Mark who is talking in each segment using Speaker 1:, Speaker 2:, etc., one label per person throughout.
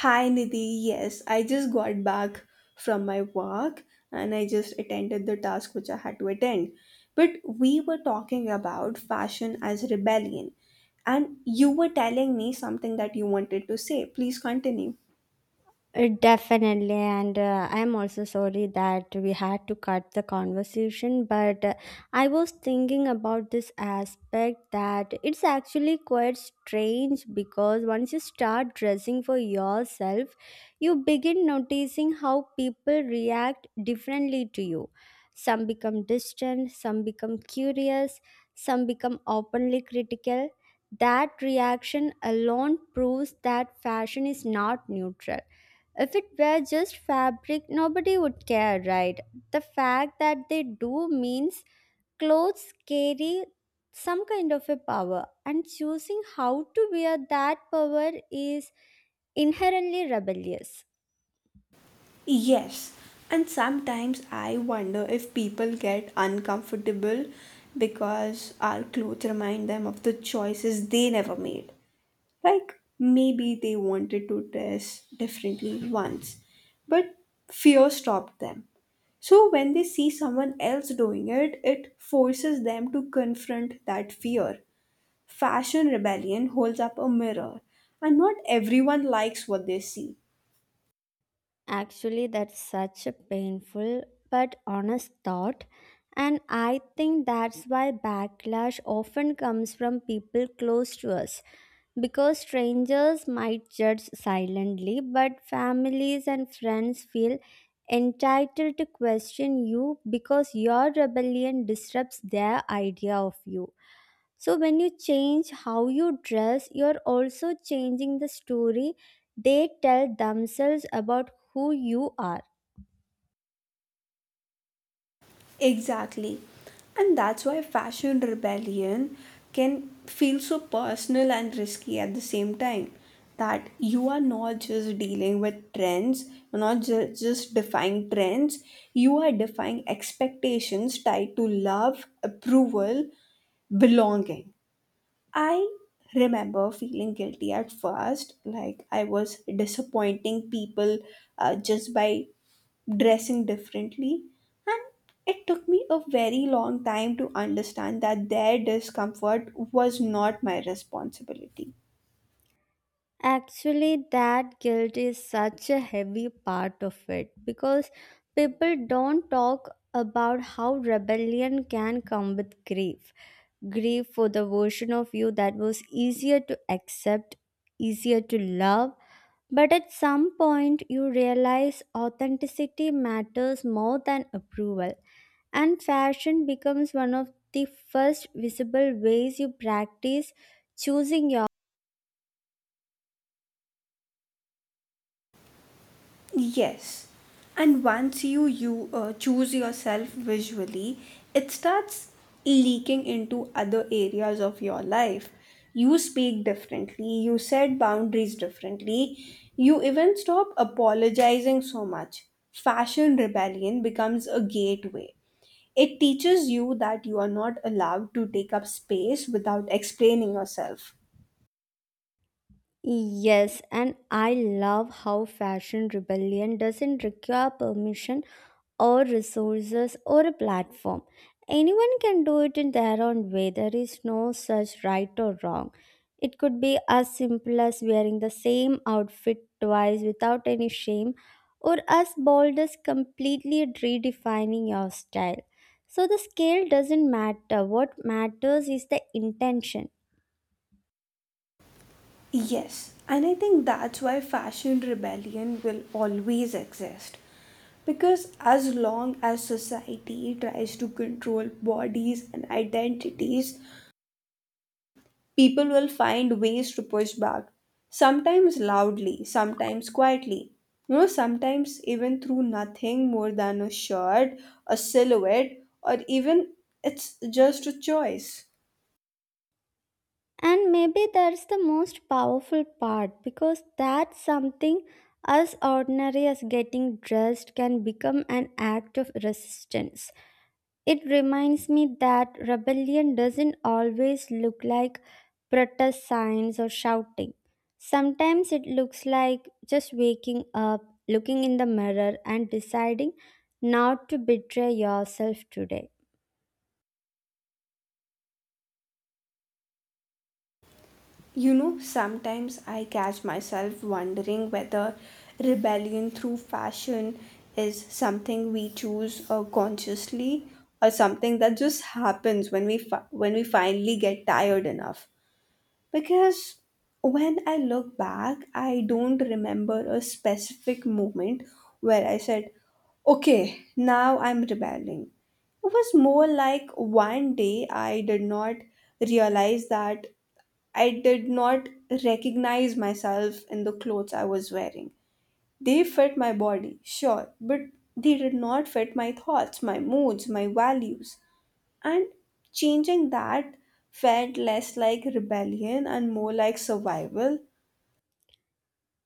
Speaker 1: Hi Nidhi, yes, I just got back from my work and I just attended the task which I had to attend. But we were talking about fashion as rebellion, and you were telling me something that you wanted to say. Please continue.
Speaker 2: Definitely, and I'm also sorry that we had to cut the conversation, but I was thinking about this aspect that it's actually quite strange because once you start dressing for yourself, you begin noticing how people react differently to you. Some become distant, some become curious, some become openly critical. That reaction alone proves that fashion is not neutral if it were just fabric, nobody would care, right? The fact that they do means clothes carry some kind of a power, and choosing how to wear that power is inherently rebellious.
Speaker 1: Yes, and sometimes I wonder if people get uncomfortable because our clothes remind them of the choices they never made. Like maybe they wanted to dress differently once, but fear stopped them. So when they see someone else doing it, it forces them to confront that fear. Fashion rebellion holds up a mirror, and not everyone likes what they see.
Speaker 2: Actually, that's such a painful but honest thought, and I think that's why backlash often comes from people close to us because strangers might judge silently, but families and friends feel entitled to question you because your rebellion disrupts their idea of you. So, when you change how you dress, you're also changing the story they tell themselves about who you are.
Speaker 1: Exactly. And that's why fashion rebellion can feel so personal and risky at the same time. That you are not just dealing with trends, you're not just defying trends, you are defying expectations tied to love, approval, belonging. I remember feeling guilty at first, like I was disappointing people just by dressing differently, and it took me a very long time to understand that their discomfort was not my responsibility.
Speaker 2: Actually, that guilt is such a heavy part of it because people don't talk about how rebellion can come with grief. Grief for the version of you that was easier to accept, easier to love. But at some point, you realize authenticity matters more than approval, and fashion becomes one of the first visible ways you practice choosing your
Speaker 1: Yes. And once you choose yourself visually, it starts leaking into other areas of your life. You speak differently, you set boundaries differently, you even stop apologizing so much. Fashion rebellion becomes a gateway. It teaches you that you are not allowed to take up space without explaining yourself.
Speaker 2: Yes, and I love how fashion rebellion doesn't require permission or resources or a platform. Anyone can do it in their own way. There is no such right or wrong. It could be as simple as wearing the same outfit twice without any shame, or as bold as completely redefining your style. So the scale doesn't matter. What matters is the intention.
Speaker 1: Yes, and I think that's why fashion rebellion will always exist. Because as long as society tries to control bodies and identities, people will find ways to push back. Sometimes loudly, sometimes quietly. You know, sometimes even through nothing more than a shirt, a silhouette, or even it's just a choice.
Speaker 2: And maybe that's the most powerful part because that's something as ordinary as getting dressed can become an act of resistance. It reminds me that rebellion doesn't always look like protest signs or shouting. Sometimes it looks like just waking up, looking in the mirror, and deciding not to betray yourself today.
Speaker 1: You know, sometimes I catch myself wondering whether rebellion through fashion is something we choose consciously or something that just happens when we finally get tired enough. Because when I look back, I don't remember a specific moment where I said, "Okay, now I'm rebelling." It was more like one day I did not realize that I did not recognize myself in the clothes I was wearing. They fit my body, sure, but they did not fit my thoughts, my moods, my values. And changing that felt less like rebellion and more like survival.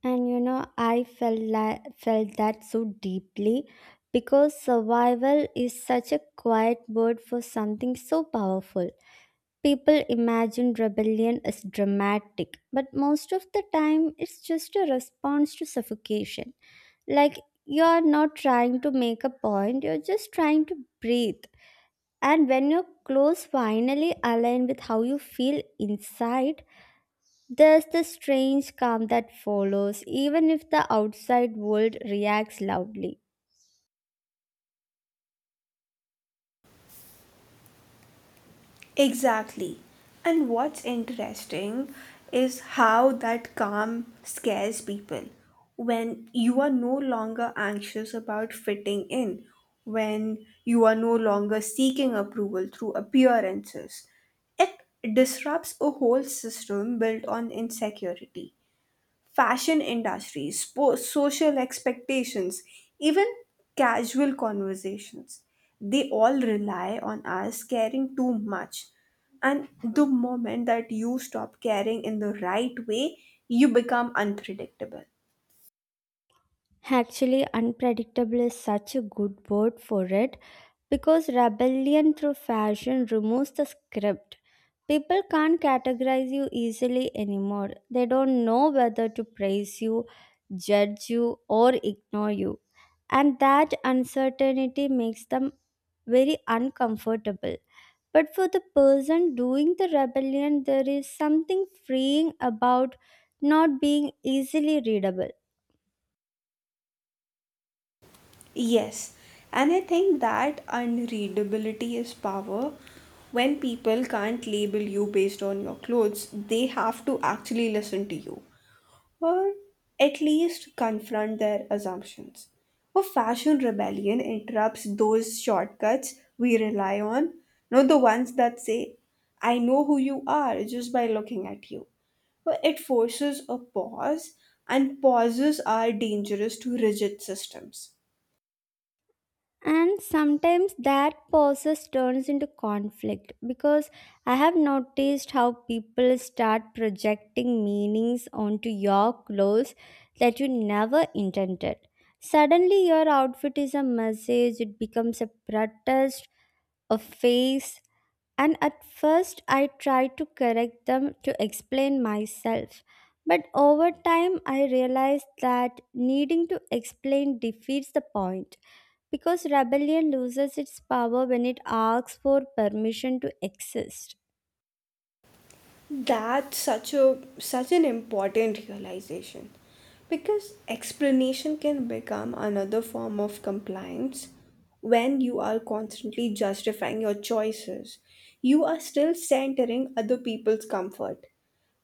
Speaker 2: And you know, I felt that so deeply because survival is such a quiet word for something so powerful. People imagine rebellion as dramatic, but most of the time it's just a response to suffocation. Like you're not trying to make a point, you're just trying to breathe. And when your clothes finally align with how you feel inside, there's the strange calm that follows, even if the outside world reacts loudly.
Speaker 1: Exactly. And what's interesting is how that calm scares people. When you are no longer anxious about fitting in, when you are no longer seeking approval through appearances, it disrupts a whole system built on insecurity fashion industry, social expectations, even casual conversations. They all rely on us caring too much. And the moment that you stop caring in the right way, you become unpredictable.
Speaker 2: Actually, unpredictable is such a good word for it because rebellion through fashion removes the script. People can't categorize you easily anymore. They don't know whether to praise you, judge you, or ignore you. And that uncertainty makes them very uncomfortable. But for the person doing the rebellion, there is something freeing about not being easily readable.
Speaker 1: Yes, and I think that unreadability is power. When people can't label you based on your clothes, they have to actually listen to you. Or at least confront their assumptions. A fashion rebellion interrupts those shortcuts we rely on, not the ones that say, I know who you are just by looking at you. But it forces a pause, and pauses are dangerous to rigid systems.
Speaker 2: And sometimes that process turns into conflict because I have noticed how people start projecting meanings onto your clothes that you never intended. Suddenly, your outfit is a message, it becomes a protest, a face. And at first, I try to correct them to explain myself. But over time, I realized that needing to explain defeats the point because rebellion loses its power when it asks for permission to exist.
Speaker 1: That's such an important realization because explanation can become another form of compliance when you are constantly justifying your choices, you are still centering other people's comfort.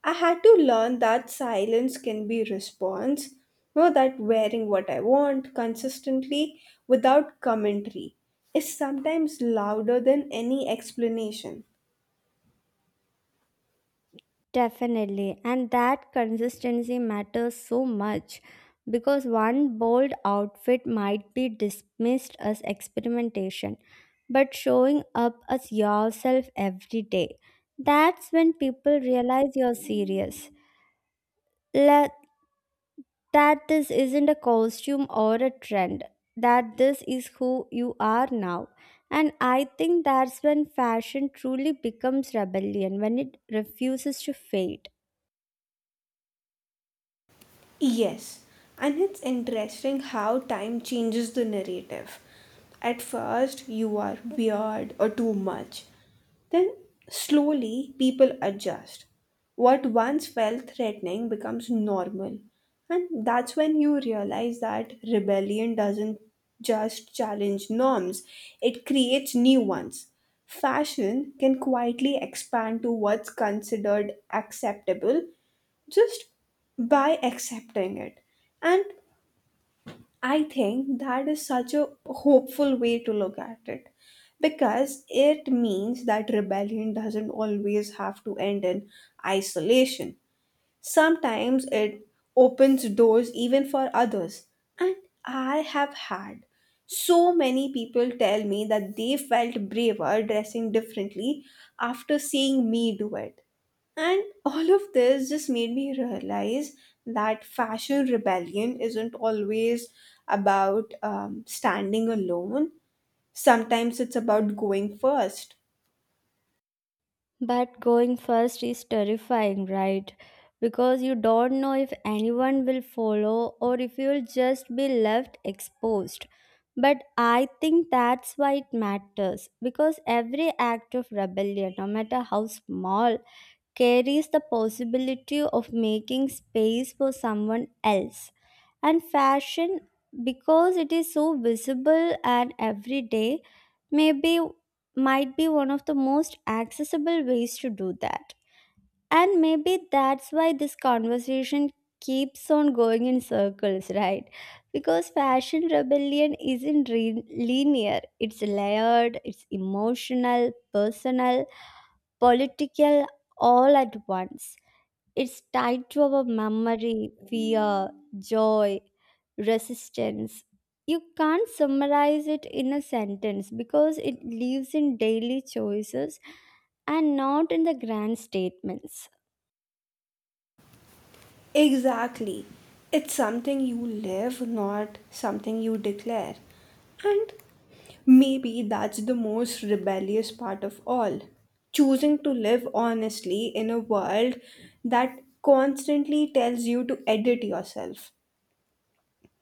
Speaker 1: I had to learn that silence can be response. You know that wearing what I want consistently without commentary is sometimes louder than any explanation.
Speaker 2: Definitely. And that consistency matters so much because one bold outfit might be dismissed as experimentation, but showing up as yourself every day. That's when people realize you're serious, that this isn't a costume or a trend, that this is who you are now. And I think that's when fashion truly becomes rebellion, when it refuses to fade.
Speaker 1: Yes, and it's interesting how time changes the narrative. At first, you are weird or too much. Then, slowly, people adjust. What once felt threatening becomes normal. And that's when you realize that rebellion doesn't just challenge norms, it creates new ones. Fashion can quietly expand to what's considered acceptable just by accepting it. And I think that is such a hopeful way to look at it, because it means that rebellion doesn't always have to end in isolation. Sometimes it opens doors even for others. And I have had so many people tell me that they felt braver dressing differently after seeing me do it. And all of this just made me realize that fashion rebellion isn't always about standing alone. Sometimes it's about going first.
Speaker 2: But going first is terrifying, right? Because you don't know if anyone will follow or if you'll just be left exposed. But I think that's why it matters because every act of rebellion, no matter how small, carries the possibility of making space for someone else. And fashion, because it is so visible and everyday, maybe might be one of the most accessible ways to do that. And maybe that's why this conversation keeps on going in circles, right? Because fashion rebellion isn't re- linear, it's layered, it's emotional, personal, political, all at once. It's tied to our memory, fear, joy, resistance. You can't summarize it in a sentence because it lives in daily choices and not in the grand statements.
Speaker 1: Exactly. It's something you live, not something you declare. And maybe that's the most rebellious part of all. Choosing to live honestly in a world that constantly tells you to edit yourself.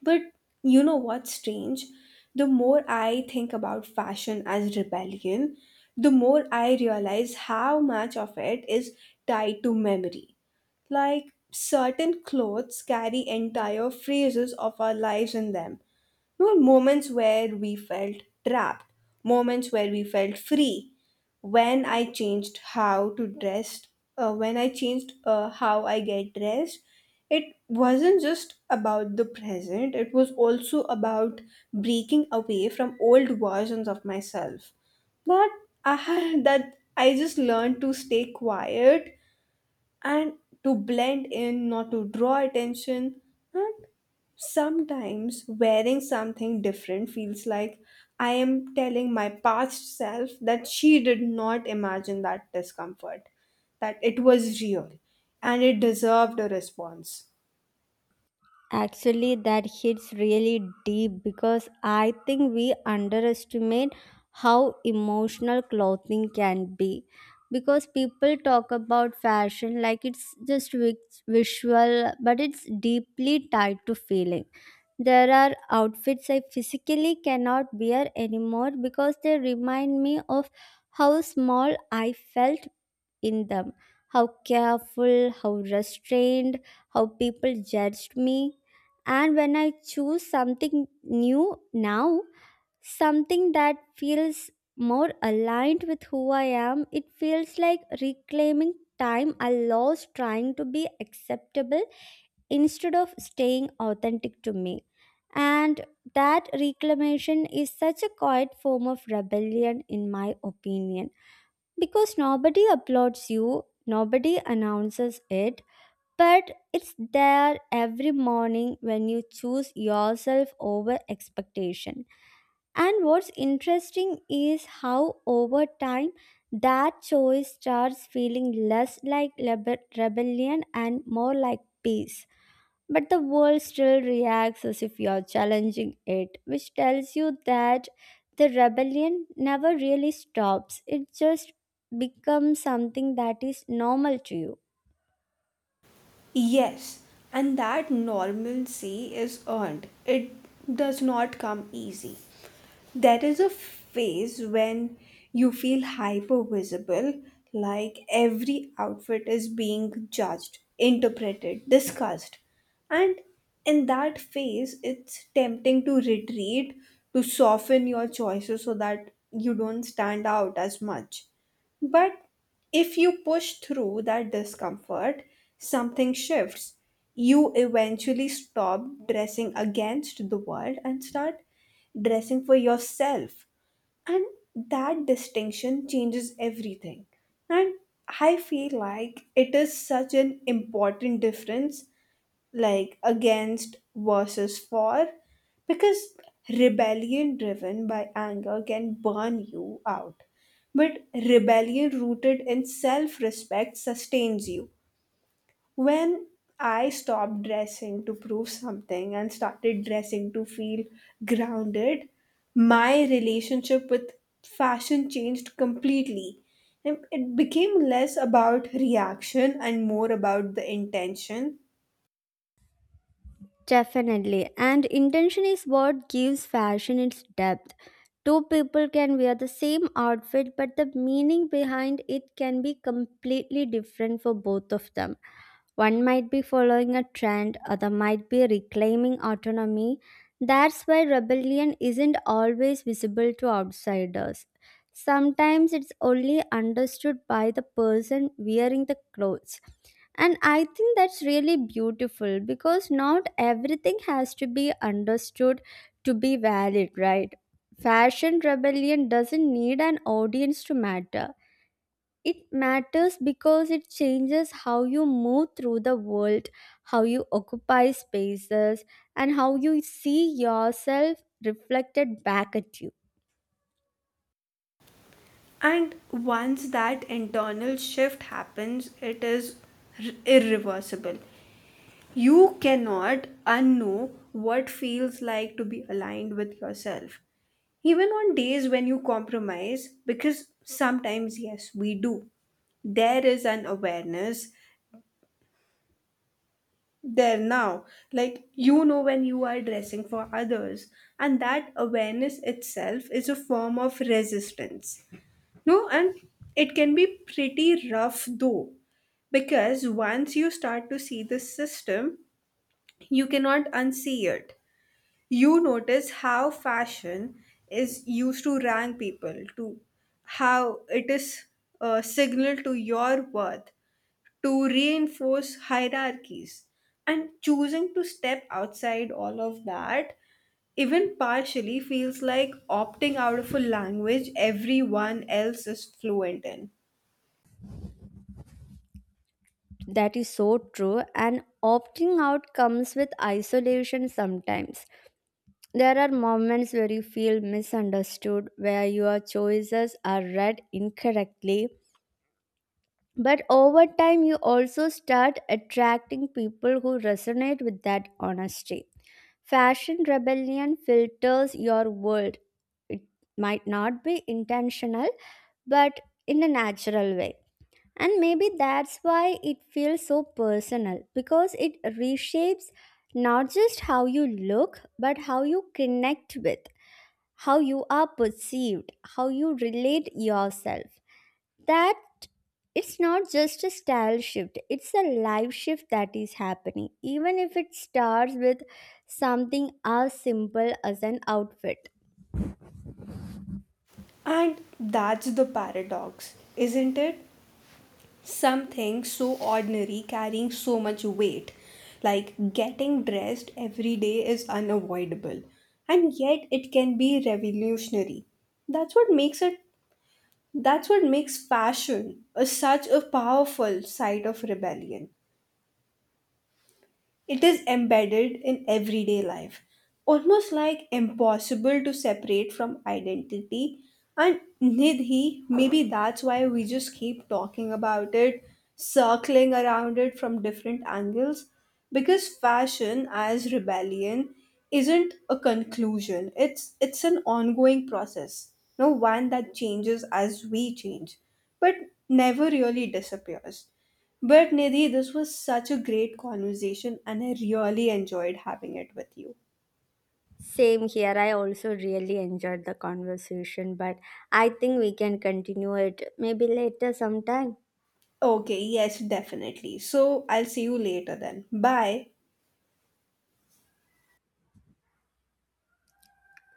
Speaker 1: But you know what's strange? The more I think about fashion as rebellion, the more I realize how much of it is tied to memory. Like certain clothes carry entire phases of our lives in them, no moments where we felt trapped, moments where we felt free. When I changed how to dress, when I changed how I get dressed, it wasn't just about the present, it was also about breaking away from old versions of myself. That I had that I just learned to stay quiet and to blend in, not to draw attention. And sometimes wearing something different feels like I am telling my past self that she did not imagine that discomfort, that it was real and it deserved a response.
Speaker 2: Actually, that hits really deep because I think we underestimate how emotional clothing can be. Because people talk about fashion like it's visual, but it's deeply tied to feeling. There are outfits I physically cannot wear anymore because they remind me of how small I felt in them, how careful, how restrained, how people judged me. And when I choose something new now, something that feels more aligned with who I am, it feels like reclaiming time I lost trying to be acceptable instead of staying authentic to me. And that reclamation is such a quiet form of rebellion, in my opinion, because nobody applauds you, nobody announces it, but it's there every morning when you choose yourself over expectation. And what's interesting is how over time that choice starts feeling less like rebellion and more like peace. But the world still reacts as if you're challenging it, which tells you that the rebellion never really stops. It just becomes something that is normal to you.
Speaker 1: Yes, and that normalcy is earned. It does not come easy. There is a phase when you feel hyper visible, like every outfit is being judged, interpreted, discussed. And in that phase, it's tempting to retreat, to soften your choices so that you don't stand out as much. But if you push through that discomfort, something shifts. You eventually stop dressing against the world and start dressing for yourself. And that distinction changes everything. And I feel like it is such an important difference, like against versus for, because rebellion driven by anger can burn you out, but rebellion rooted in self-respect sustains you. When I stopped dressing to prove something and started dressing to feel grounded, my relationship with fashion changed completely. And it became less about reaction and more about the intention.
Speaker 2: Definitely. And intention is what gives fashion its depth. Two people can wear the same outfit, but the meaning behind it can be completely different for both of them. One might be following a trend, other might be reclaiming autonomy. That's why rebellion isn't always visible to outsiders. Sometimes it's only understood by the person wearing the clothes. And I think that's really beautiful because not everything has to be understood to be valid, right? Fashion rebellion doesn't need an audience to matter. It matters because it changes how you move through the world, how you occupy spaces, and how you see yourself reflected back at you.
Speaker 1: And once that internal shift happens, it is irreversible. You cannot unknow what feels like to be aligned with yourself. Even on days when you compromise, because sometimes, yes, we do, there is an awareness there now. Like, you know when you are dressing for others, and that awareness itself is a form of resistance. No, and it can be pretty rough though, because once you start to see the system, you cannot unsee it. You notice how fashion is used to rank people, to how it is a signal to your worth, to reinforce hierarchies. And choosing to step outside all of that, even partially, feels like opting out of a language everyone else is fluent in.
Speaker 2: That is so true, and opting out comes with isolation sometimes. There are moments where you feel misunderstood, where your choices are read incorrectly. But over time, you also start attracting people who resonate with that honesty. Fashion rebellion filters your world. It might not be intentional, but in a natural way. And maybe that's why it feels so personal because it reshapes not just how you look, but how you connect with, how you are perceived, how you relate yourself, that it's not just a style shift, it's a life shift that is happening even if it starts with something as simple as an outfit.
Speaker 1: And that's the paradox, isn't it? Something so ordinary carrying so much weight. Like getting dressed every day is unavoidable. And yet it can be revolutionary. That's what makes it that's what makes fashion a, such a powerful site of rebellion. It is embedded in everyday life, almost like impossible to separate from identity. And Nidhi, maybe that's why we just keep talking about it, circling around it from different angles. Because fashion as rebellion isn't a conclusion. It's an ongoing process. No one that changes as we change, but never really disappears. But Nidhi, this was such a great conversation and I really enjoyed having it with you.
Speaker 2: Same here, I also really enjoyed the conversation, but I think we can continue it maybe later sometime.
Speaker 1: Okay, yes, definitely. So I'll see you later then. Bye.